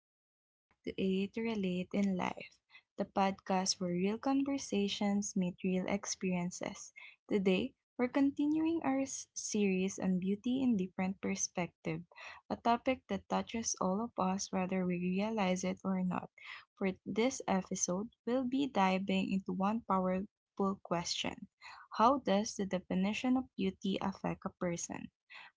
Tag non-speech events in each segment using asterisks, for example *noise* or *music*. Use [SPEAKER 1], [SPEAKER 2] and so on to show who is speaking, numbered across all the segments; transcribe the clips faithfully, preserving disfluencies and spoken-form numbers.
[SPEAKER 1] Welcome back to A to Relate in Life, the podcast where real conversations meet real experiences. Today, we're continuing our s- series on beauty in different perspective, a topic that touches all of us whether we realize it or not. For this episode, we'll be diving into one powerful question. How does the definition of beauty affect a person?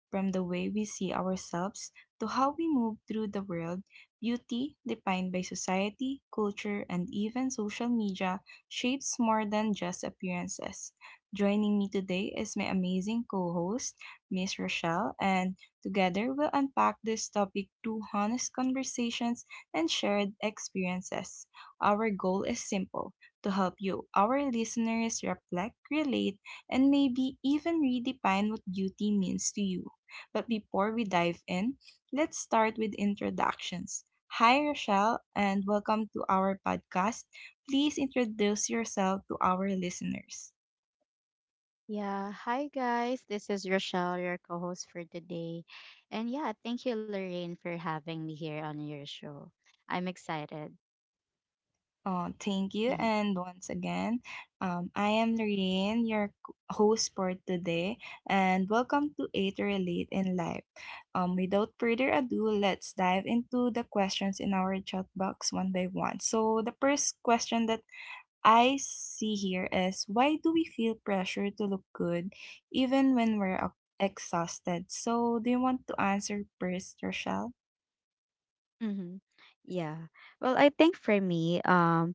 [SPEAKER 1] From the way we see ourselves to how we move through the world, beauty, defined by society, culture, and even social media, shapes more than just appearances. Joining me today is my amazing co host, Miss Rochelle, and together we'll unpack this topic through honest conversations and shared experiences. Our goal is simple to help you, our listeners, reflect, relate, and maybe even redefine what beauty means to you. But before we dive in, let's start with introductions. Hi, Rochelle, and welcome to our podcast. Please introduce yourself to our listeners.
[SPEAKER 2] Yeah, hi guys. This is Rochelle, your co-host for today. And yeah, thank you Lorraine for having me here on your show. I'm excited.
[SPEAKER 1] Oh, thank you.
[SPEAKER 2] hmm
[SPEAKER 1] And once again, um, I am Lorraine, your c- host for today, and welcome to A to Relate in Life. Um, without further ado, let's dive into the questions in our chat box one by one. So, the first question that I see here is why do we feel pressure to look good even when we're uh, exhausted? So, do you want to answer first, Rochelle?
[SPEAKER 2] hmm Yeah. Well, I think for me, um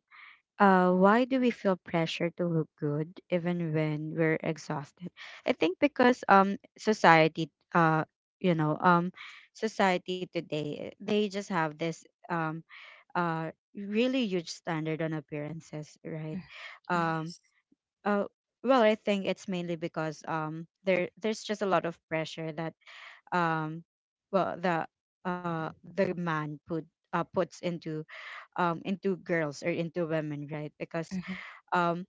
[SPEAKER 2] uh why do we feel pressure to look good even when we're exhausted? I think because um society uh you know, um society today, they just have this um uh really huge standard on appearances, right?
[SPEAKER 1] Mm,
[SPEAKER 2] Um
[SPEAKER 1] Yes.
[SPEAKER 2] Uh, well, I think it's mainly because um there there's just a lot of pressure that um well the uh the man put uh puts into um into girls or into women, right? Because
[SPEAKER 1] mhm,
[SPEAKER 2] um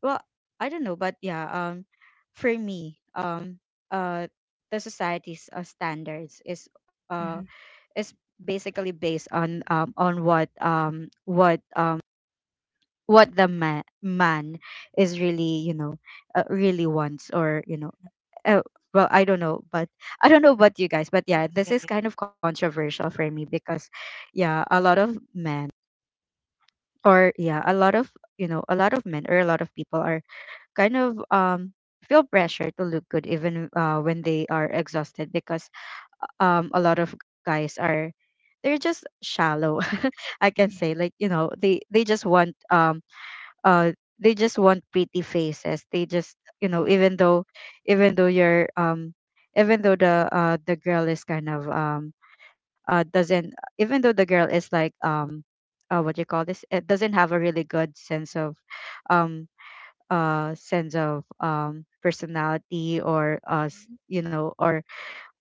[SPEAKER 2] well I don't know, but yeah um for me um uh the society's uh, standards is uh
[SPEAKER 1] mhm,
[SPEAKER 2] is basically based on um on what um what um what the man man is really you know uh, really wants or you know
[SPEAKER 1] mhm.
[SPEAKER 2] uh, well I don't know, but I don't know about you guys, but
[SPEAKER 1] Yeah,
[SPEAKER 2] yeah,
[SPEAKER 1] yeah,
[SPEAKER 2] this
[SPEAKER 1] yeah.
[SPEAKER 2] is kind of controversial for me because yeah, a lot of men, or yeah a lot of, you know, a lot of men or a lot of people are kind of um feel pressure to look good even uh, when they are exhausted because um a lot of guys are they're just shallow *laughs* I can say.
[SPEAKER 1] Mhm,
[SPEAKER 2] Like, you know, they they just want um uh they just want pretty faces. They just, you know,
[SPEAKER 1] Yes.
[SPEAKER 2] even though, even though you're um even though the uh the girl is kind of um uh doesn't even though the girl is like um uh what do you call this, it doesn't have a really good sense of um uh sense of um personality or uh s-
[SPEAKER 1] mhm,
[SPEAKER 2] you know, or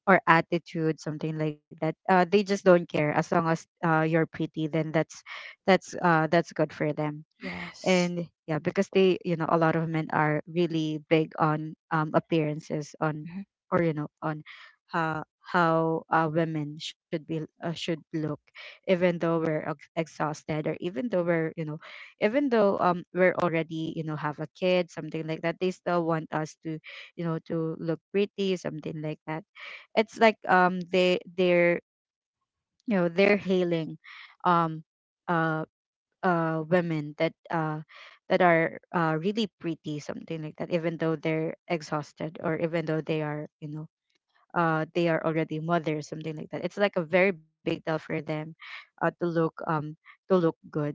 [SPEAKER 2] or attitude, something like that. Uh they just don't care. As long as uh you're pretty, then that's that's uh that's good for them.
[SPEAKER 1] Yes.
[SPEAKER 2] And yeah, because they, you know, a lot of men are really big on um appearances on,
[SPEAKER 1] mhm.
[SPEAKER 2] or you know, on how, how uh, women should be uh, should look, even though we're ex- exhausted, or even though we're, you know, even though um we're already, you know, have a kid, something like that. They still want us to, you know, to look pretty, something like that. It's like um they they're you know, they're hailing um uh uh women that uh that are uh really pretty, something like that. Even though they're exhausted, or even though they are,
[SPEAKER 1] Yes.
[SPEAKER 2] you know, uh they are already mothers, something like that. It's like a very big deal for them uh to look um to look good.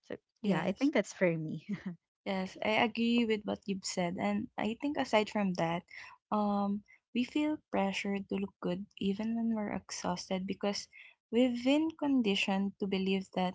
[SPEAKER 2] So yeah, I think
[SPEAKER 1] Yes.
[SPEAKER 2] that's for me. *laughs*
[SPEAKER 1] Yes, I agree with what you've said. And I think aside from that, um, we feel pressured to look good even when we're exhausted because we've been conditioned to believe that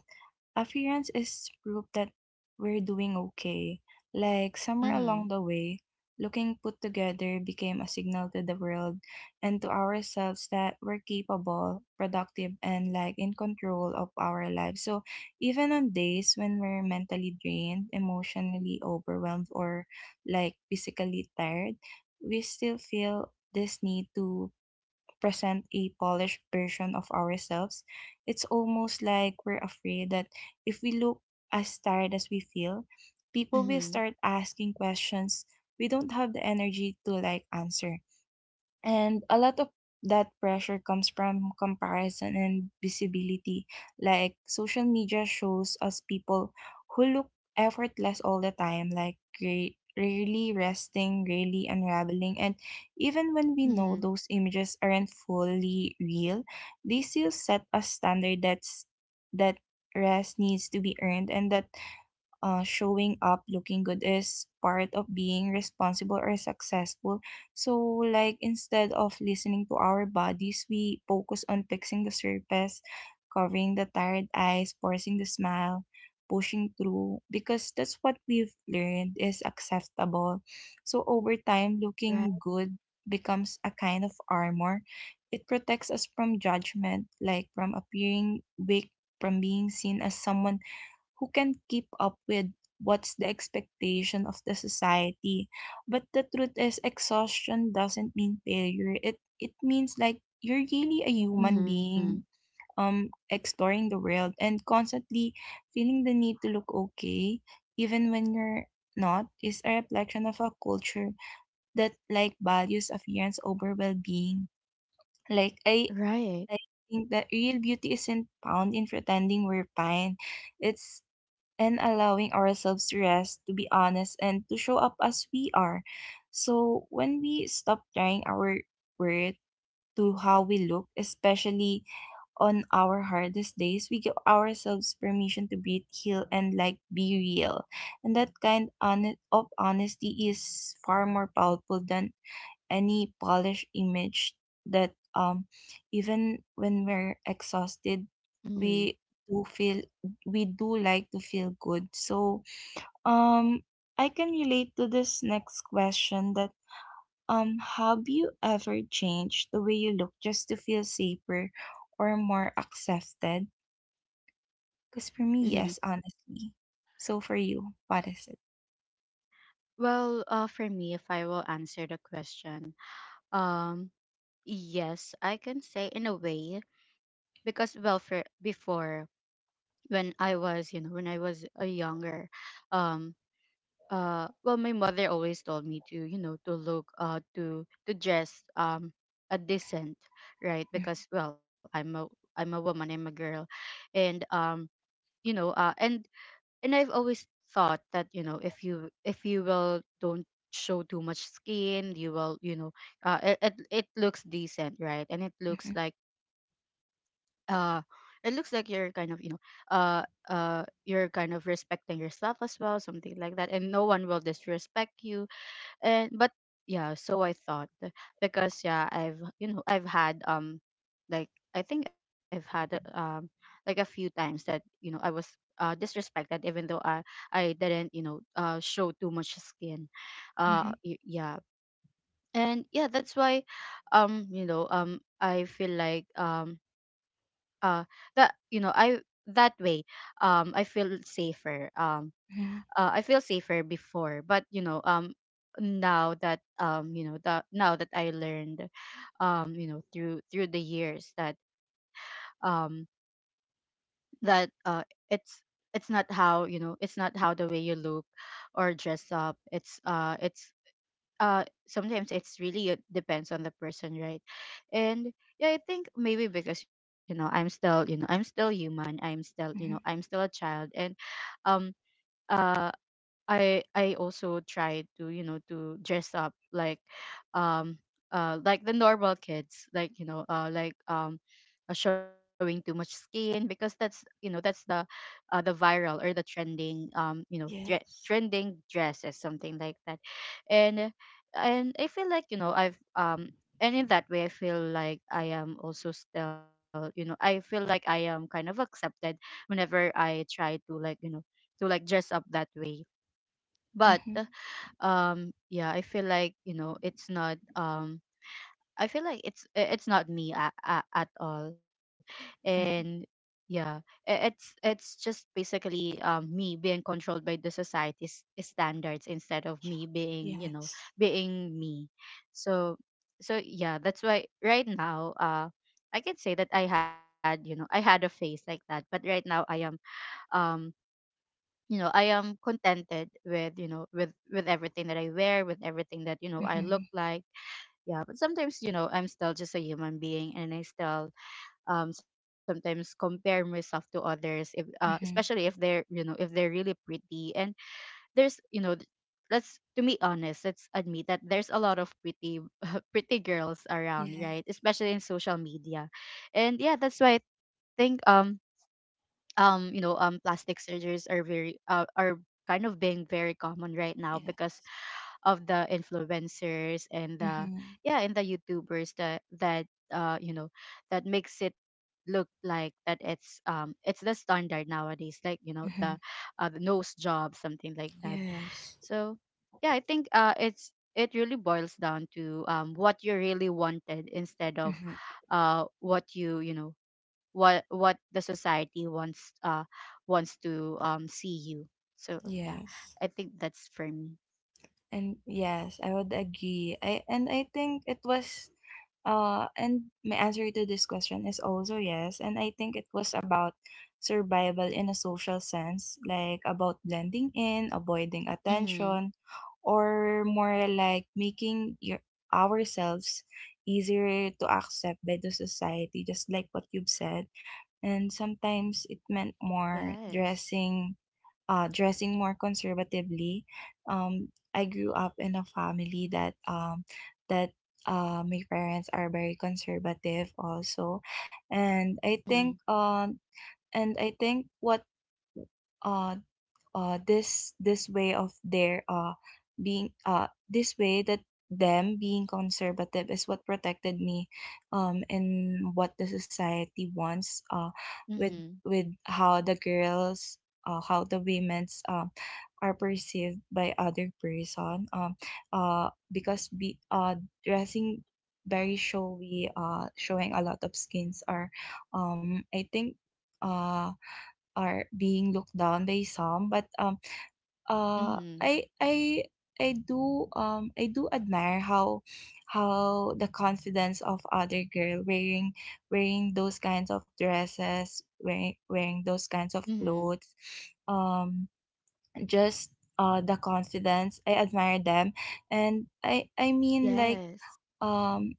[SPEAKER 1] appearance is proof that we're doing okay. Like somewhere along
[SPEAKER 2] Mm-hmm.
[SPEAKER 1] the way, looking put together became a signal to the world and to ourselves that we're capable, productive, and like in control of our lives. So even on days when we're mentally drained, emotionally overwhelmed, or like physically tired, we still feel this need to present a polished version of ourselves. It's almost like we're afraid that if we look as tired as we feel, people will
[SPEAKER 2] Mm-hmm.
[SPEAKER 1] start asking questions we don't have the energy to like answer, and a lot of that pressure comes from comparison and visibility. Like social media shows us people who look effortless all the time, like ra- rarely resting, rarely unraveling. And even when we know
[SPEAKER 2] Mm-hmm.
[SPEAKER 1] those images aren't fully real, they still set a standard that's that rest needs to be earned and that uh, showing up looking good is part of being responsible or successful. So, like, instead of listening to our bodies, we focus on fixing the surface, covering the tired eyes, forcing the smile, pushing through, because that's what we've learned is acceptable. So, over time,
[SPEAKER 2] Right.
[SPEAKER 1] looking good becomes a kind of armor. It protects us from judgment, like from appearing weak, from being seen as someone who can keep up with what's the expectation of the society. But the truth is exhaustion doesn't mean failure. It it means like you're really a human
[SPEAKER 2] Mm-hmm.
[SPEAKER 1] being um exploring the world and constantly feeling the need to look okay even when you're not is a reflection of a culture that like values appearance over well-being, like i
[SPEAKER 2] Right.
[SPEAKER 1] i think that real beauty isn't found in pretending we're fine, it's and allowing ourselves to rest, to be honest, and to show up as we are. So when we stop trying our worth to how we look, especially on our hardest days, we give ourselves permission to breathe, heal, and like be real. And that kind hone- of honesty is far more powerful than any polished image that um even when we're exhausted
[SPEAKER 2] Mm-hmm.
[SPEAKER 1] we do feel, we do like to feel good. So um I can relate to this next question that um have you ever changed the way you look just to feel safer or more accepted? Because for me,
[SPEAKER 2] Mm-hmm.
[SPEAKER 1] yes, honestly. So for you, what is it?
[SPEAKER 2] Well, uh, for me, if I will answer the question, um, yes, I can say in a way because well, for before, when I was, you know, when I was a younger, um uh well, my mother always told me to, you know, to look uh to to dress um a decent, right? Because well, I'm a I'm a woman, I'm a girl. And um you know, uh and and I've always thought that, you know, if you, if you will, don't show too much skin, you will, you know, uh, it, it it looks decent, right? And it looks
[SPEAKER 1] Mhm,
[SPEAKER 2] like uh it looks like you're kind of, you know, uh uh you're kind of respecting yourself as well, something like that, and no one will disrespect you. And but yeah, so I thought, because yeah, I've, you know, I've had um like I think I've had uh, um like a few times that, you know, I was uh disrespected even though i i didn't, you know, uh show too much skin.
[SPEAKER 1] mhm,
[SPEAKER 2] Uh
[SPEAKER 1] mhm,
[SPEAKER 2] y- yeah. And yeah, that's why um you know, um I feel like um uh that, you know, I, that way, um I feel safer, um
[SPEAKER 1] mhm,
[SPEAKER 2] uh, I feel safer before. But you know, um now that, um you know, that, now that I learned, um you know, through, through the years that um that uh it's it's not how, you know, it's not how, the way you look or dress up, it's uh it's uh sometimes it's really, uh, depends on the person, right? And yeah, I think maybe because, you know, I'm still, you know, I'm still human, I'm still, you know,
[SPEAKER 1] mhm.
[SPEAKER 2] I'm still a child. And um uh I I also try to, you know, to dress up like, um uh like the normal kids, like, you know, uh like um uh, showing too much skin, because that's, you know, that's the uh the viral or the trending, um you know, tre-
[SPEAKER 1] Yes.
[SPEAKER 2] trending dresses, something like that. and and I feel like, you know, I've um and in that way, I feel like I am also still, you know, I feel like I am kind of accepted whenever I try to, like, you know, to, like, dress up that way. But
[SPEAKER 1] Mhm,
[SPEAKER 2] um yeah, I feel like, you know, it's not um I feel like it's i- it's not me at, at all. And
[SPEAKER 1] mhm.
[SPEAKER 2] yeah, i- it's it's just basically um me being controlled by the society's standards instead of me being, you know,
[SPEAKER 1] Yes.
[SPEAKER 2] being me. So, so yeah, that's why right now uh I can say that I had, you know, I had a face like that. But right now, I am, um you know, I am contented with, you know, with with everything that I wear, with everything that, you know, I look
[SPEAKER 1] Mhm.
[SPEAKER 2] like. Yeah, but sometimes, you know, I'm still just a human being, and I still, um sometimes compare myself to others, if uh especially
[SPEAKER 1] Mhm.
[SPEAKER 2] if they're, you know, if they're really pretty. And there's, you know, th- let's, to be honest, let's admit that there's a lot of pretty *laughs* pretty girls around,
[SPEAKER 1] Yeah.
[SPEAKER 2] right, especially in social media. And yeah, that's why I think um um you know, um plastic surgeries are very uh, are kind of being very common right now, because
[SPEAKER 1] Yes.
[SPEAKER 2] of the influencers and the,
[SPEAKER 1] Mhm.
[SPEAKER 2] yeah, and the YouTubers, that, that uh you know, that makes it look like that it's, um it's the standard nowadays, like, you know, the
[SPEAKER 1] Mhm.
[SPEAKER 2] uh, the nose job, something like that.
[SPEAKER 1] Yes.
[SPEAKER 2] So yeah, I think, uh, it's it really boils down to, um, what you really wanted, instead of,
[SPEAKER 1] Mhm.
[SPEAKER 2] uh, what you you know, what what the society wants uh, wants to, um, see you. So yeah,
[SPEAKER 1] Yes.
[SPEAKER 2] I think that's for me.
[SPEAKER 1] And yes, I would agree. I and I think it was Uh, and my answer to this question is also yes. And I think it was about survival in a social sense, like about blending in, avoiding
[SPEAKER 2] Mm-hmm.
[SPEAKER 1] attention, or more like making your ourselves easier to accept by the society, just like what you've said. And sometimes it meant more
[SPEAKER 2] Yes.
[SPEAKER 1] dressing uh, dressing more conservatively. Um, I grew up in a family that um, that uh, my parents are very conservative also, and I think
[SPEAKER 2] Mm-hmm.
[SPEAKER 1] um, and I think what uh, uh, this this way of their uh, being uh, this way that them being conservative is what protected me um in what the society wants uh with
[SPEAKER 2] Mm-hmm.
[SPEAKER 1] with how the girls uh, how the women's uh, are perceived by other person um uh because be uh dressing very showy, uh showing a lot of skins are um I think uh are being looked down by some. But um uh
[SPEAKER 2] Mm-hmm.
[SPEAKER 1] i i i do um I do admire how how the confidence of other girl wearing wearing those kinds of dresses, wearing wearing those kinds of
[SPEAKER 2] Mm-hmm.
[SPEAKER 1] clothes, um just uh the confidence, I admire them. And i i mean like
[SPEAKER 2] Yes.
[SPEAKER 1] um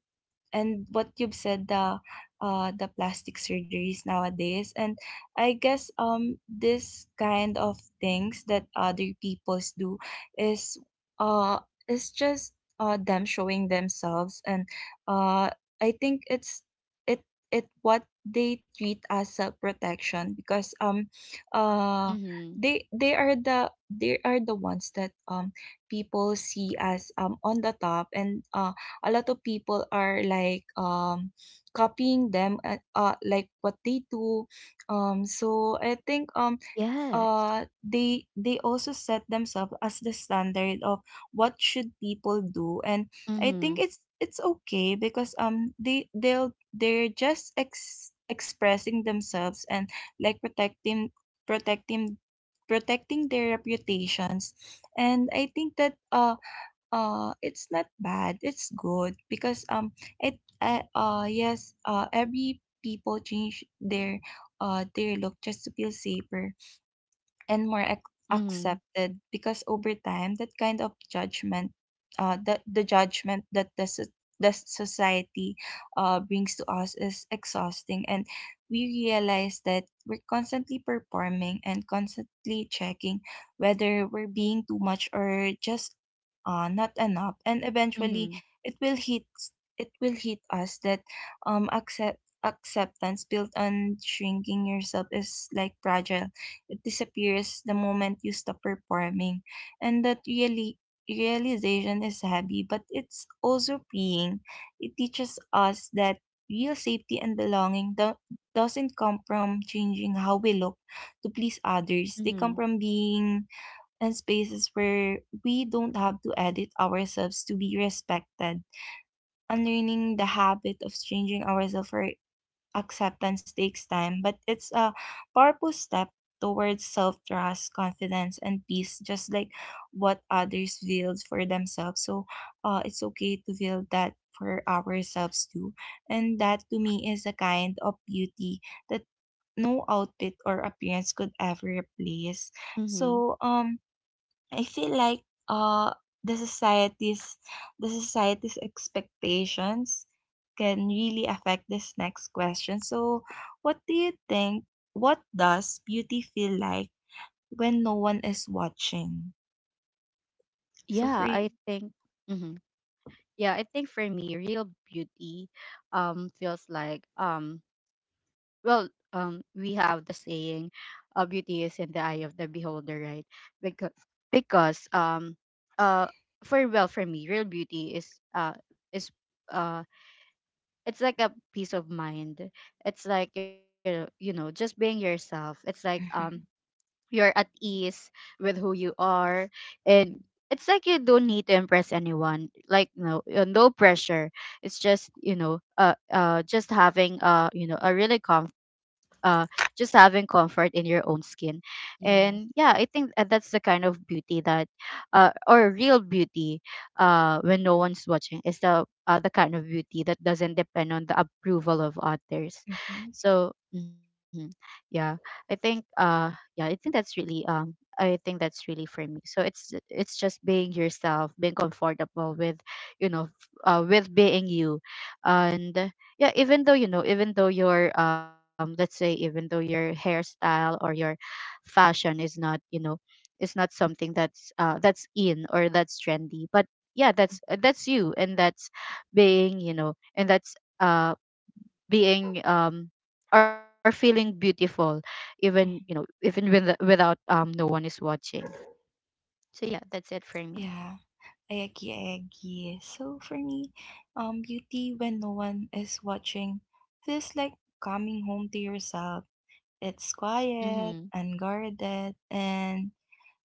[SPEAKER 1] and what you've said, the uh, the plastic surgeries nowadays, and I guess um this kind of things that other peoples do is uh is just uh them showing themselves, and uh I think it's it it what they treat as self-protection because um uh
[SPEAKER 2] Mm-hmm.
[SPEAKER 1] they they are the they are the ones that um people see as um on the top. And uh a lot of people are like um copying them, uh, uh like what they do. Um so I think um
[SPEAKER 2] Yes.
[SPEAKER 1] uh they they also set themselves as the standard of what should people do. And I think
[SPEAKER 2] Mm-hmm.
[SPEAKER 1] it's it's okay because um they they'll they're just ex- expressing themselves and like protecting protecting protecting their reputations. And I think that uh uh it's not bad, it's good because um it uh, uh yes, uh every people change their uh their look just to feel safer and more ac-
[SPEAKER 2] Mm-hmm.
[SPEAKER 1] accepted because over time that kind of judgment, uh the, the judgment that the, so- the society uh brings to us is exhausting, and we realize that we're constantly performing and constantly checking whether we're being too much or just uh not enough. And eventually
[SPEAKER 2] Mm-hmm.
[SPEAKER 1] it will hit it will hit us that um accept acceptance built on shrinking yourself is like fragile, it disappears the moment you stop performing. And that really realization is heavy, but it's also freeing. It teaches us that real safety and belonging do- doesn't come from changing how we look to please others. They
[SPEAKER 2] Mm-hmm.
[SPEAKER 1] come from being in spaces where we don't have to edit ourselves to be respected. Unlearning the habit of changing ourselves for acceptance takes time, but it's a powerful step towards self trust, confidence, and peace, just like what others build for themselves. So uh, it's okay to build that for ourselves too. And that to me is a kind of beauty that no outfit or appearance could ever replace.
[SPEAKER 2] Mm-hmm.
[SPEAKER 1] So, um, I feel like uh the society's the society's expectations can really affect this next question. So, what do you think? What does beauty feel like when no one is watching? So
[SPEAKER 2] Yeah,
[SPEAKER 1] for
[SPEAKER 2] I
[SPEAKER 1] you.
[SPEAKER 2] think. Mm-hmm. Yeah, I think for me real beauty um feels like, um well, um we have the saying, uh, beauty is in the eye of the beholder, right? because because um uh for well, for me, real beauty is uh is uh it's like a peace of mind. It's like, you know, you know, just being yourself. It's like, um
[SPEAKER 1] hmm
[SPEAKER 2] you're at ease with who you are. And it's like you don't need to impress anyone, like no, uh, no pressure. It's just, you know, uh, uh just having uh you know, a really comf- uh just having comfort in your own skin. And
[SPEAKER 1] Yes.
[SPEAKER 2] yeah, I think, uh, that's the kind of beauty that uh or real beauty uh when no one's watching is the uh, the kind of beauty that doesn't depend on the approval of others.
[SPEAKER 1] hmm
[SPEAKER 2] So, mhm, yeah, I think uh yeah, I think that's really um I think that's really for me. So it's it's just being yourself, being comfortable with, you know, f- uh, with being you. And uh, yeah, even though, you know, even though your um let's say, even though your hairstyle or your fashion is not, you know, is not something that's uh that's in, or that's trendy, but yeah, that's
[SPEAKER 1] Mhm,
[SPEAKER 2] that's you, and that's being, you know, and that's uh being um or feeling beautiful, even, you know,
[SPEAKER 1] mhm.
[SPEAKER 2] even with, without, um no one is watching. So yeah, that's it for me.
[SPEAKER 1] Yeah. I agree, I agree. So for me, um, beauty when no one is watching feels like coming home to yourself. It's quiet,
[SPEAKER 2] Mhm.
[SPEAKER 1] unguarded, and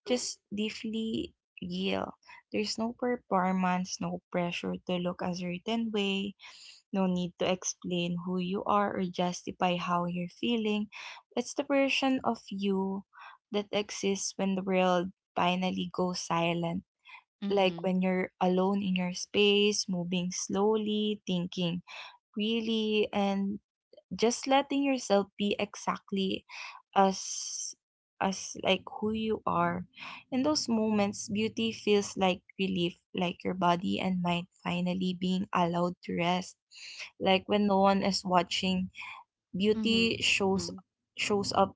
[SPEAKER 1] just deeply real. There's no performance, no pressure to look a certain way, no need to explain who you are or justify how you're feeling. It's the version of you that exists when the world finally goes silent, like
[SPEAKER 2] Mhm.
[SPEAKER 1] when you're alone in your space, moving slowly, thinking really, and just letting yourself be exactly as as like who you are. In those moments, beauty feels like relief, like your body and mind finally being allowed to rest. Like when no one is watching, beauty
[SPEAKER 2] Mhm.
[SPEAKER 1] shows shows up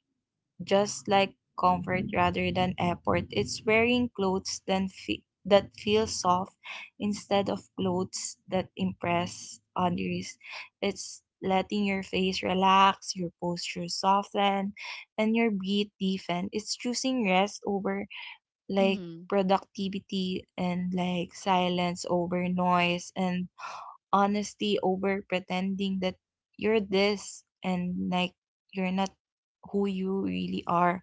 [SPEAKER 1] just like comfort rather than effort. It's wearing clothes then fe- that feel soft instead of clothes that impress others. It's letting your face relax, your posture soften, and your breath deepen. It's choosing rest over like
[SPEAKER 2] Mhm.
[SPEAKER 1] productivity, and like silence over noise, and honesty over pretending that you're this and like you're not who you really are.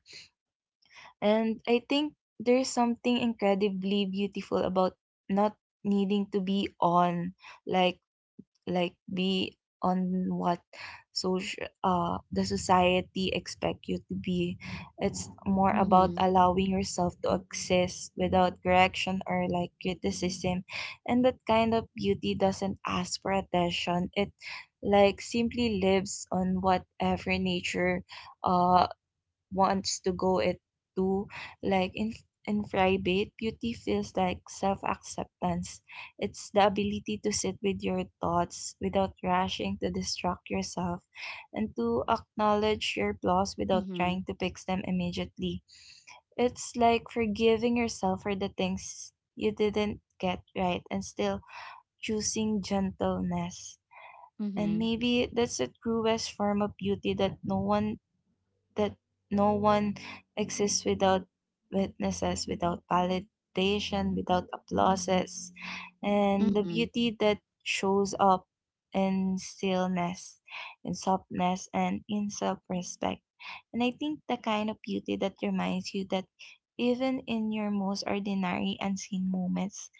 [SPEAKER 1] And I think there's something incredibly beautiful about not needing to be on, like like be on what social uh the society expect you to be. It's more about
[SPEAKER 2] Mhm.
[SPEAKER 1] allowing yourself to exist without correction or like criticism. And that kind of beauty doesn't ask for attention. It like simply lives on whatever nature uh wants to go it too. Like in in private, beauty feels like self-acceptance. It's the ability to sit with your thoughts without rushing to distract yourself and to acknowledge your flaws
[SPEAKER 2] Mhm.
[SPEAKER 1] without trying to fix them immediately. It's like forgiving yourself for the things you didn't get right and still choosing gentleness. And
[SPEAKER 2] Mhm.
[SPEAKER 1] maybe that's the truest form of beauty that no one that no one exists without witnesses, without validation, without applauses, and the
[SPEAKER 2] Mhm.
[SPEAKER 1] beauty that shows up in stillness, in softness, and in self respect. And I think the kind of beauty that reminds you that even in your most ordinary unseen moments,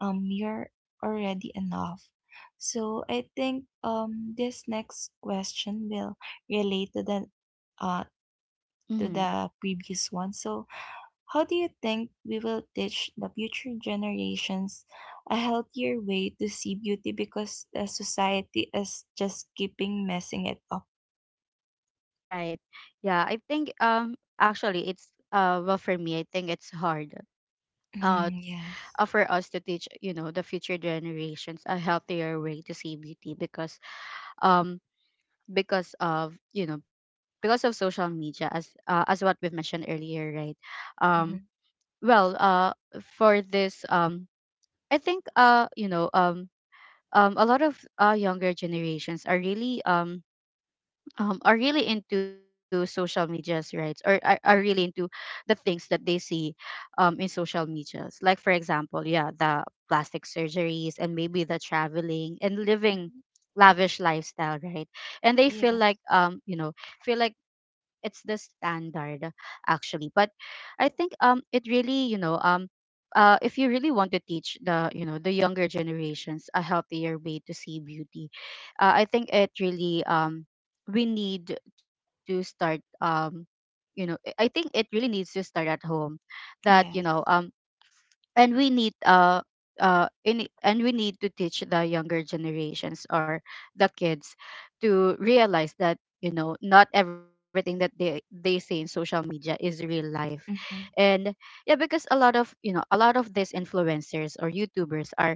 [SPEAKER 1] um, you're already enough. So I think um this next question will relate to the uh to
[SPEAKER 2] Mhm.
[SPEAKER 1] the previous one. So, how do you think we will teach the future generations a healthier way to see beauty because the society is just keeping messing it up?
[SPEAKER 2] Right. Yeah, I think, um actually, it's uh well, for me, I think it's hard uh
[SPEAKER 1] Mm, yes.
[SPEAKER 2] uh, for us to teach, you know, the future generations a healthier way to see beauty because um because of, you know, because of social media, as uh, as what we've mentioned earlier, right? um
[SPEAKER 1] Mhm,
[SPEAKER 2] well uh for this, um I think, uh you know, um um a lot of uh younger generations are really um um, are really into social medias, right? Or are, are really into
[SPEAKER 1] mhm,
[SPEAKER 2] the things that they see, um, in social medias. Like, for example, yeah, the plastic surgeries and maybe the traveling and living
[SPEAKER 1] mhm.
[SPEAKER 2] lavish lifestyle, right? And they feel like,
[SPEAKER 1] Yes.
[SPEAKER 2] um, you know, feel like it's the standard actually. But I think um it really, you know, um uh if you really want to teach the, you know, the younger generations a healthier way to see beauty, uh, I think it really um we need to start um you know, I I think it really needs to start at home that, you know,
[SPEAKER 1] Yes.
[SPEAKER 2] um and we need uh uh in, and we need to teach the younger generations or the kids to realize that you know not everything that they they say in social media is real life.
[SPEAKER 1] Mm-hmm.
[SPEAKER 2] And yeah, because a lot of you know a lot of these influencers or youtubers are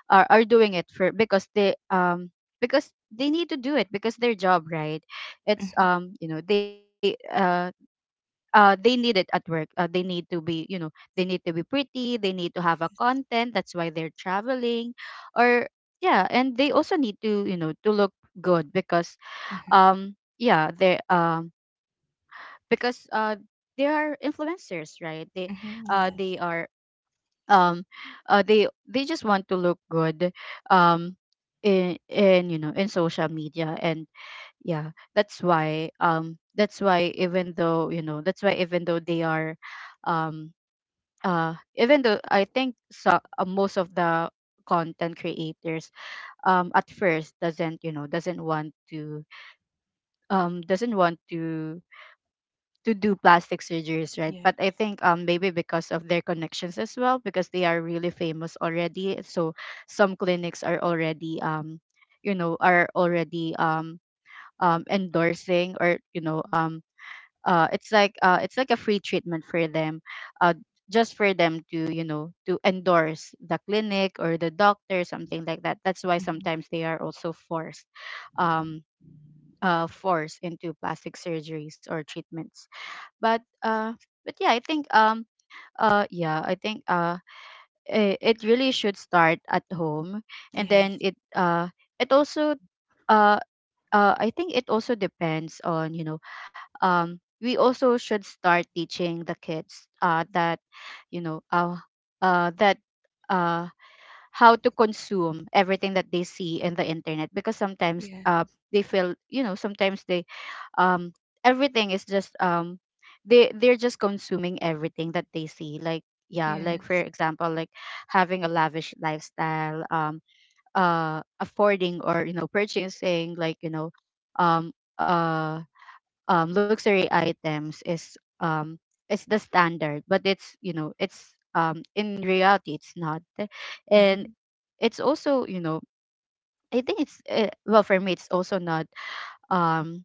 [SPEAKER 2] are, are doing it for because they um because they need to do it because their job, right? it's
[SPEAKER 1] Mm-hmm.
[SPEAKER 2] um you know they uh uh, They need it at work. Uh, they need to be, you know, they need to be pretty. They need to have a
[SPEAKER 1] Yes.
[SPEAKER 2] content. That's why they're traveling, or yeah, and they also need to, you know, to look good because,
[SPEAKER 1] Mm-hmm.
[SPEAKER 2] um, yeah, they um because uh they are influencers, right? They,
[SPEAKER 1] Mm-hmm.
[SPEAKER 2] uh, they
[SPEAKER 1] Yes.
[SPEAKER 2] are um, uh, they they just want to look good, um, in in you know in social media. And yeah, that's why um that's why even though you know that's why even though they are um uh even though, I think so, uh, most of the content creators um at first doesn't you know doesn't want to, um doesn't want to to do plastic surgeries, right? But
[SPEAKER 1] Yes.
[SPEAKER 2] I think um maybe because of their connections as well, because they are really famous already. So some clinics are already um you know are already um um endorsing, or you know um uh it's like uh it's like a free treatment for them, uh just for them to, you know, to endorse the clinic or the doctor, something like that. That's why
[SPEAKER 1] Mm-hmm.
[SPEAKER 2] sometimes they are also forced um uh forced into plastic surgeries or treatments. But uh but yeah, I think um uh yeah, I think uh it, it really should start at home. and then
[SPEAKER 1] Yes.
[SPEAKER 2] it uh it also uh uh, I think it also depends on, you know um, we also should start teaching the kids uh, that you know uh, uh, that uh, how to consume everything that they see in the internet. Because sometimes
[SPEAKER 1] Yeah.
[SPEAKER 2] uh, they feel you know sometimes they um, everything is just um, they they're just consuming everything that they see, like yeah, like for
[SPEAKER 1] Yes.
[SPEAKER 2] example, like having a lavish lifestyle, um uh affording or, you know, purchasing, like, you know um uh um, luxury items is um, is the standard, but it's you know it's um, in reality it's not. And
[SPEAKER 1] Mm-hmm.
[SPEAKER 2] it's also, you know, I think it's uh, well, for me, it's also not um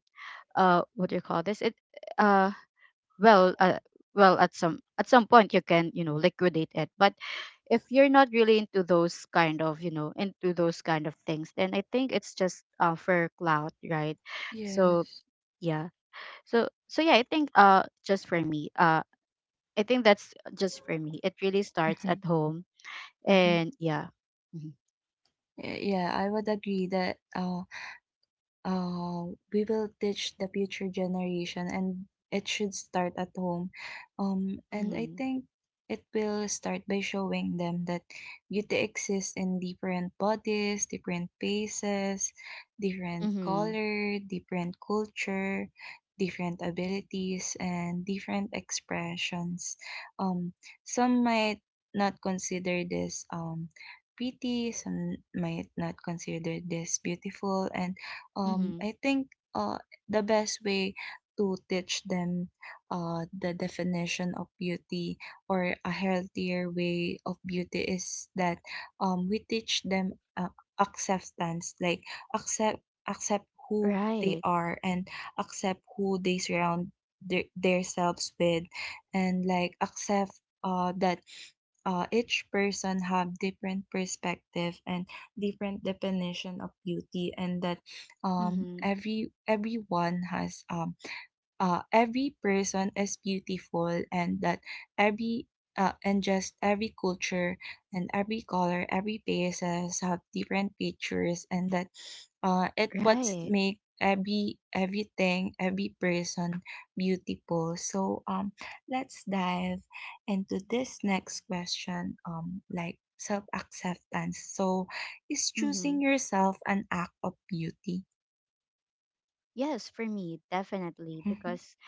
[SPEAKER 2] uh what do you call this? It uh well uh, Well, at some at some point you can, you know, liquidate it. But if you're not really into those kind of, you know into those kind of things, then I think it's just, uh, for clout, right? So
[SPEAKER 1] Yes.
[SPEAKER 2] yeah, so so yeah, I think, uh just for me, uh I think that's just for me, it really starts at
[SPEAKER 1] Mm-hmm.
[SPEAKER 2] home.
[SPEAKER 1] Mm-hmm.
[SPEAKER 2] And yeah. Mm-hmm.
[SPEAKER 1] Yeah, I would agree that uh uh, we will teach the future generation and it should start at home, um, and I
[SPEAKER 2] Mm-hmm.
[SPEAKER 1] think it will start by showing them that beauty exists in different bodies, different faces, different
[SPEAKER 2] Mm-hmm.
[SPEAKER 1] color, different culture, different abilities, and different expressions. um, some might not consider this um, pretty, some might not consider this beautiful, and um, I
[SPEAKER 2] Hmm.
[SPEAKER 1] think uh, the best way to teach them uh, the definition of beauty or a healthier way of beauty is that um, we teach them uh, acceptance, like accept accept who they
[SPEAKER 2] Right.
[SPEAKER 1] are, and accept who they surround their, themselves with, and like accept uh, that uh, each person have different perspective and different definition of beauty, and that um
[SPEAKER 2] Mm-hmm.
[SPEAKER 1] every everyone has um uh, every person is beautiful, and that every uh, and just every culture and every color, every places have different pictures, and that uh, it what's
[SPEAKER 2] Right.
[SPEAKER 1] make every everything every person beautiful. So um let's dive into this next question, um like self acceptance. So is
[SPEAKER 2] Mm-hmm.
[SPEAKER 1] choosing yourself an act of beauty?
[SPEAKER 2] Yes, for me, definitely.
[SPEAKER 1] Mhm,
[SPEAKER 2] Because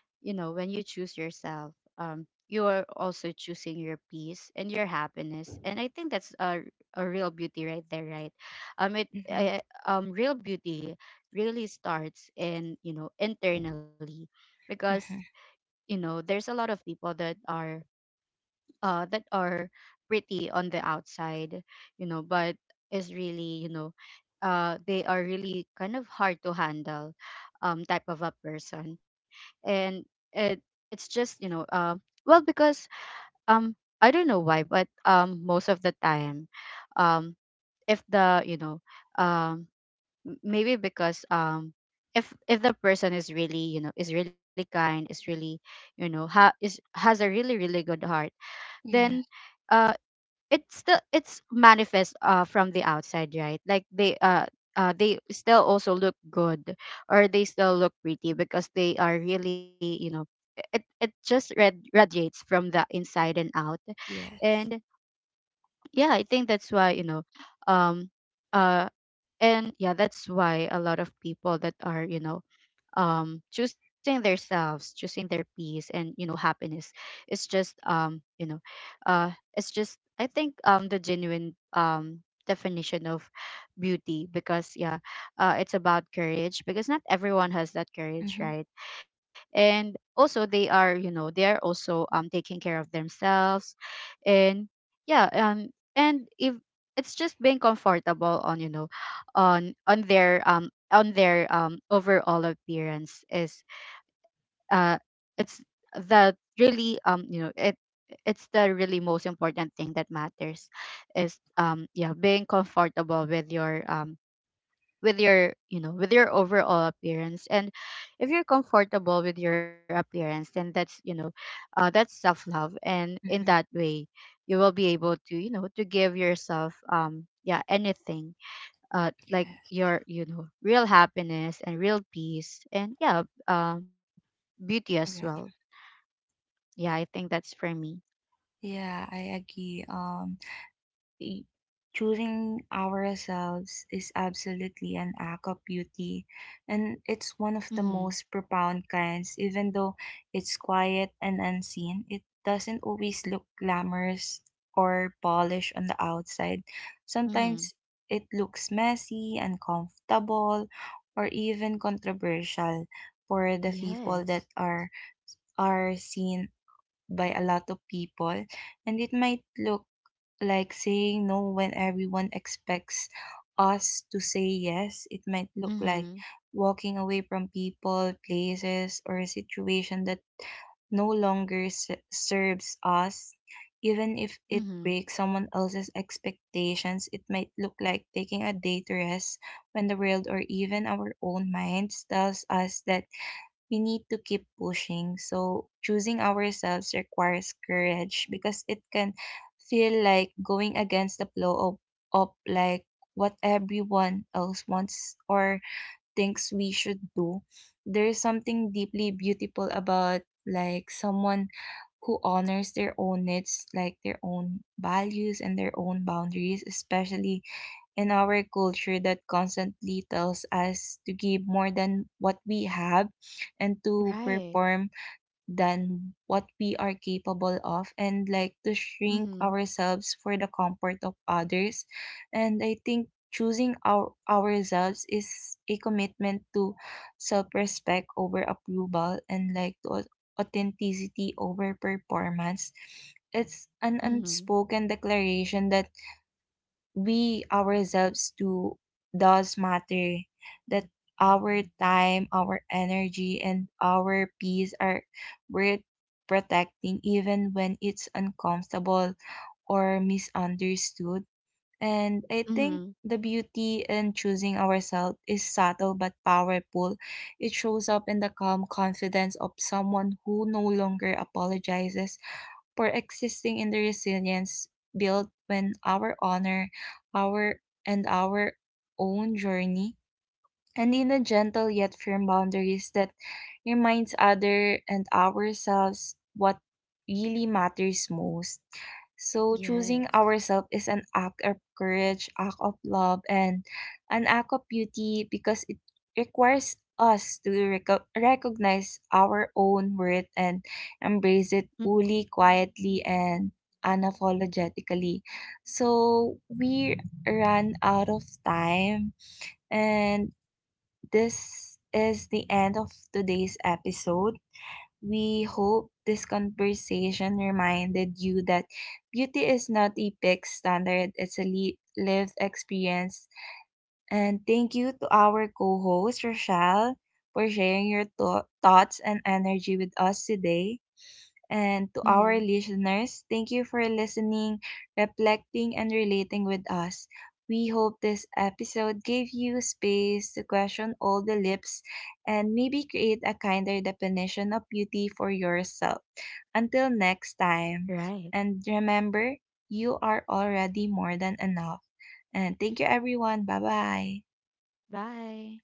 [SPEAKER 2] you know, when you choose yourself, um you are also choosing your peace and your happiness, and I think that's a a real beauty right there, right? um it
[SPEAKER 1] mhm,
[SPEAKER 2] uh, um Real beauty really starts in, you know, internally, because
[SPEAKER 1] mhm.
[SPEAKER 2] you know, there's a lot of people that are uh that are pretty on the outside, you know, but is really, you know, uh they are really kind of hard to handle, um type of a person. And it it's just, you know, uh well because um I don't know why, but um most of the time, um if the, you know, um m- maybe because um if if the person is really, you know, is really kind, is really, you know ha- is has a really, really good heart, then,
[SPEAKER 1] Yes,
[SPEAKER 2] uh, it's still, it's manifest uh from the outside, right? Like they uh uh, they still also look good, or they still look pretty, because they are really, you know, it it just red radiates from the inside and out.
[SPEAKER 1] yes.
[SPEAKER 2] And yeah, I think that's why, you know, um uh and yeah, that's why a lot of people that are, you know, um choosing themselves, choosing their peace and, you know, happiness, it's just, um you know uh it's just, I think, um the genuine um definition of beauty. Because yeah, uh, it's about courage, because not everyone has that courage,
[SPEAKER 1] Mm-hmm.
[SPEAKER 2] right? And also they are, you know, they are also um taking care of themselves. And yeah, um and if it's just being comfortable on, you know, on on their um on their um overall appearance is, uh it's the really, um you know it, it's the really most important thing that matters is, um yeah, being comfortable with your, um with your, you know, with your overall appearance. And if you're comfortable with your appearance, then that's, you know, uh, that's self love, and in
[SPEAKER 1] Mm-hmm.
[SPEAKER 2] that way you will be able to, you know, to give yourself, um yeah, anything, uh like
[SPEAKER 1] Yes.
[SPEAKER 2] your, you know, real happiness and real peace, and yeah, um beauty as well.
[SPEAKER 1] Yeah.
[SPEAKER 2] Yeah, I think that's for me.
[SPEAKER 1] Yeah, I agree. Um, y- Choosing ourselves is absolutely an act of beauty, and it's one of the
[SPEAKER 2] Mhm.
[SPEAKER 1] most profound kinds. Even though it's quiet and unseen, it doesn't always look glamorous or polished on the outside.
[SPEAKER 2] Mhm.
[SPEAKER 1] Sometimes it looks messy, uncomfortable, or even controversial for the people that
[SPEAKER 2] Yes.
[SPEAKER 1] are are seen by a lot of people, and it might look like saying no when everyone expects us to say yes. It might look like
[SPEAKER 2] Mhm.
[SPEAKER 1] walking away from people, places, or a situation that no longer s- serves us. Even if it
[SPEAKER 2] Mhm.
[SPEAKER 1] breaks someone else's expectations, it might look like taking a day to rest when the world or even our own minds tells us that we need to keep pushing. So choosing ourselves requires courage because it can feel like going against the flow of, of like what everyone else wants or thinks we should do. There is something deeply beautiful about like someone who honors their own needs, like their own values and their own boundaries, especially in our culture that constantly tells us to give more than what we have and to
[SPEAKER 2] Right.
[SPEAKER 1] perform than what we are capable of, and like to shrink
[SPEAKER 2] Mhm.
[SPEAKER 1] ourselves for the comfort of others. And I think choosing our ourselves is a commitment to self-respect over approval, and like to au- authenticity over performance. It's an
[SPEAKER 2] Mhm.
[SPEAKER 1] unspoken declaration that we ourselves do does matter, that our time, our energy, and our peace are worth protecting even when it's uncomfortable or misunderstood. And I think
[SPEAKER 2] Mhm.
[SPEAKER 1] the beauty in choosing ourselves is subtle but powerful. It shows up in the calm confidence of someone who no longer apologizes for existing, in the resilience built when our honor, our, and our own journey, and in a gentle yet firm boundaries that reminds other and ourselves what really matters most. So choosing
[SPEAKER 2] Yes.
[SPEAKER 1] ourselves is an act of courage, act of love, and an act of beauty because it requires us to reco- recognize our own worth and embrace it fully, quietly, and unapologetically. So we ran out of time, and this is the end of today's episode. We hope this conversation reminded you that beauty is not a fixed standard, it's a li- lived experience. And thank you to our co host, Rochelle, for sharing your tho- thoughts and energy with us today. And
[SPEAKER 2] Mm-hmm.
[SPEAKER 1] to our listeners, thank you for listening, reflecting, and relating with us. We hope this episode gave you space to question all the lips and maybe create a kinder definition of beauty for yourself. Until next time,
[SPEAKER 2] Right.
[SPEAKER 1] and remember, you are already more than enough. And thank you, everyone. Bye bye.
[SPEAKER 2] Bye.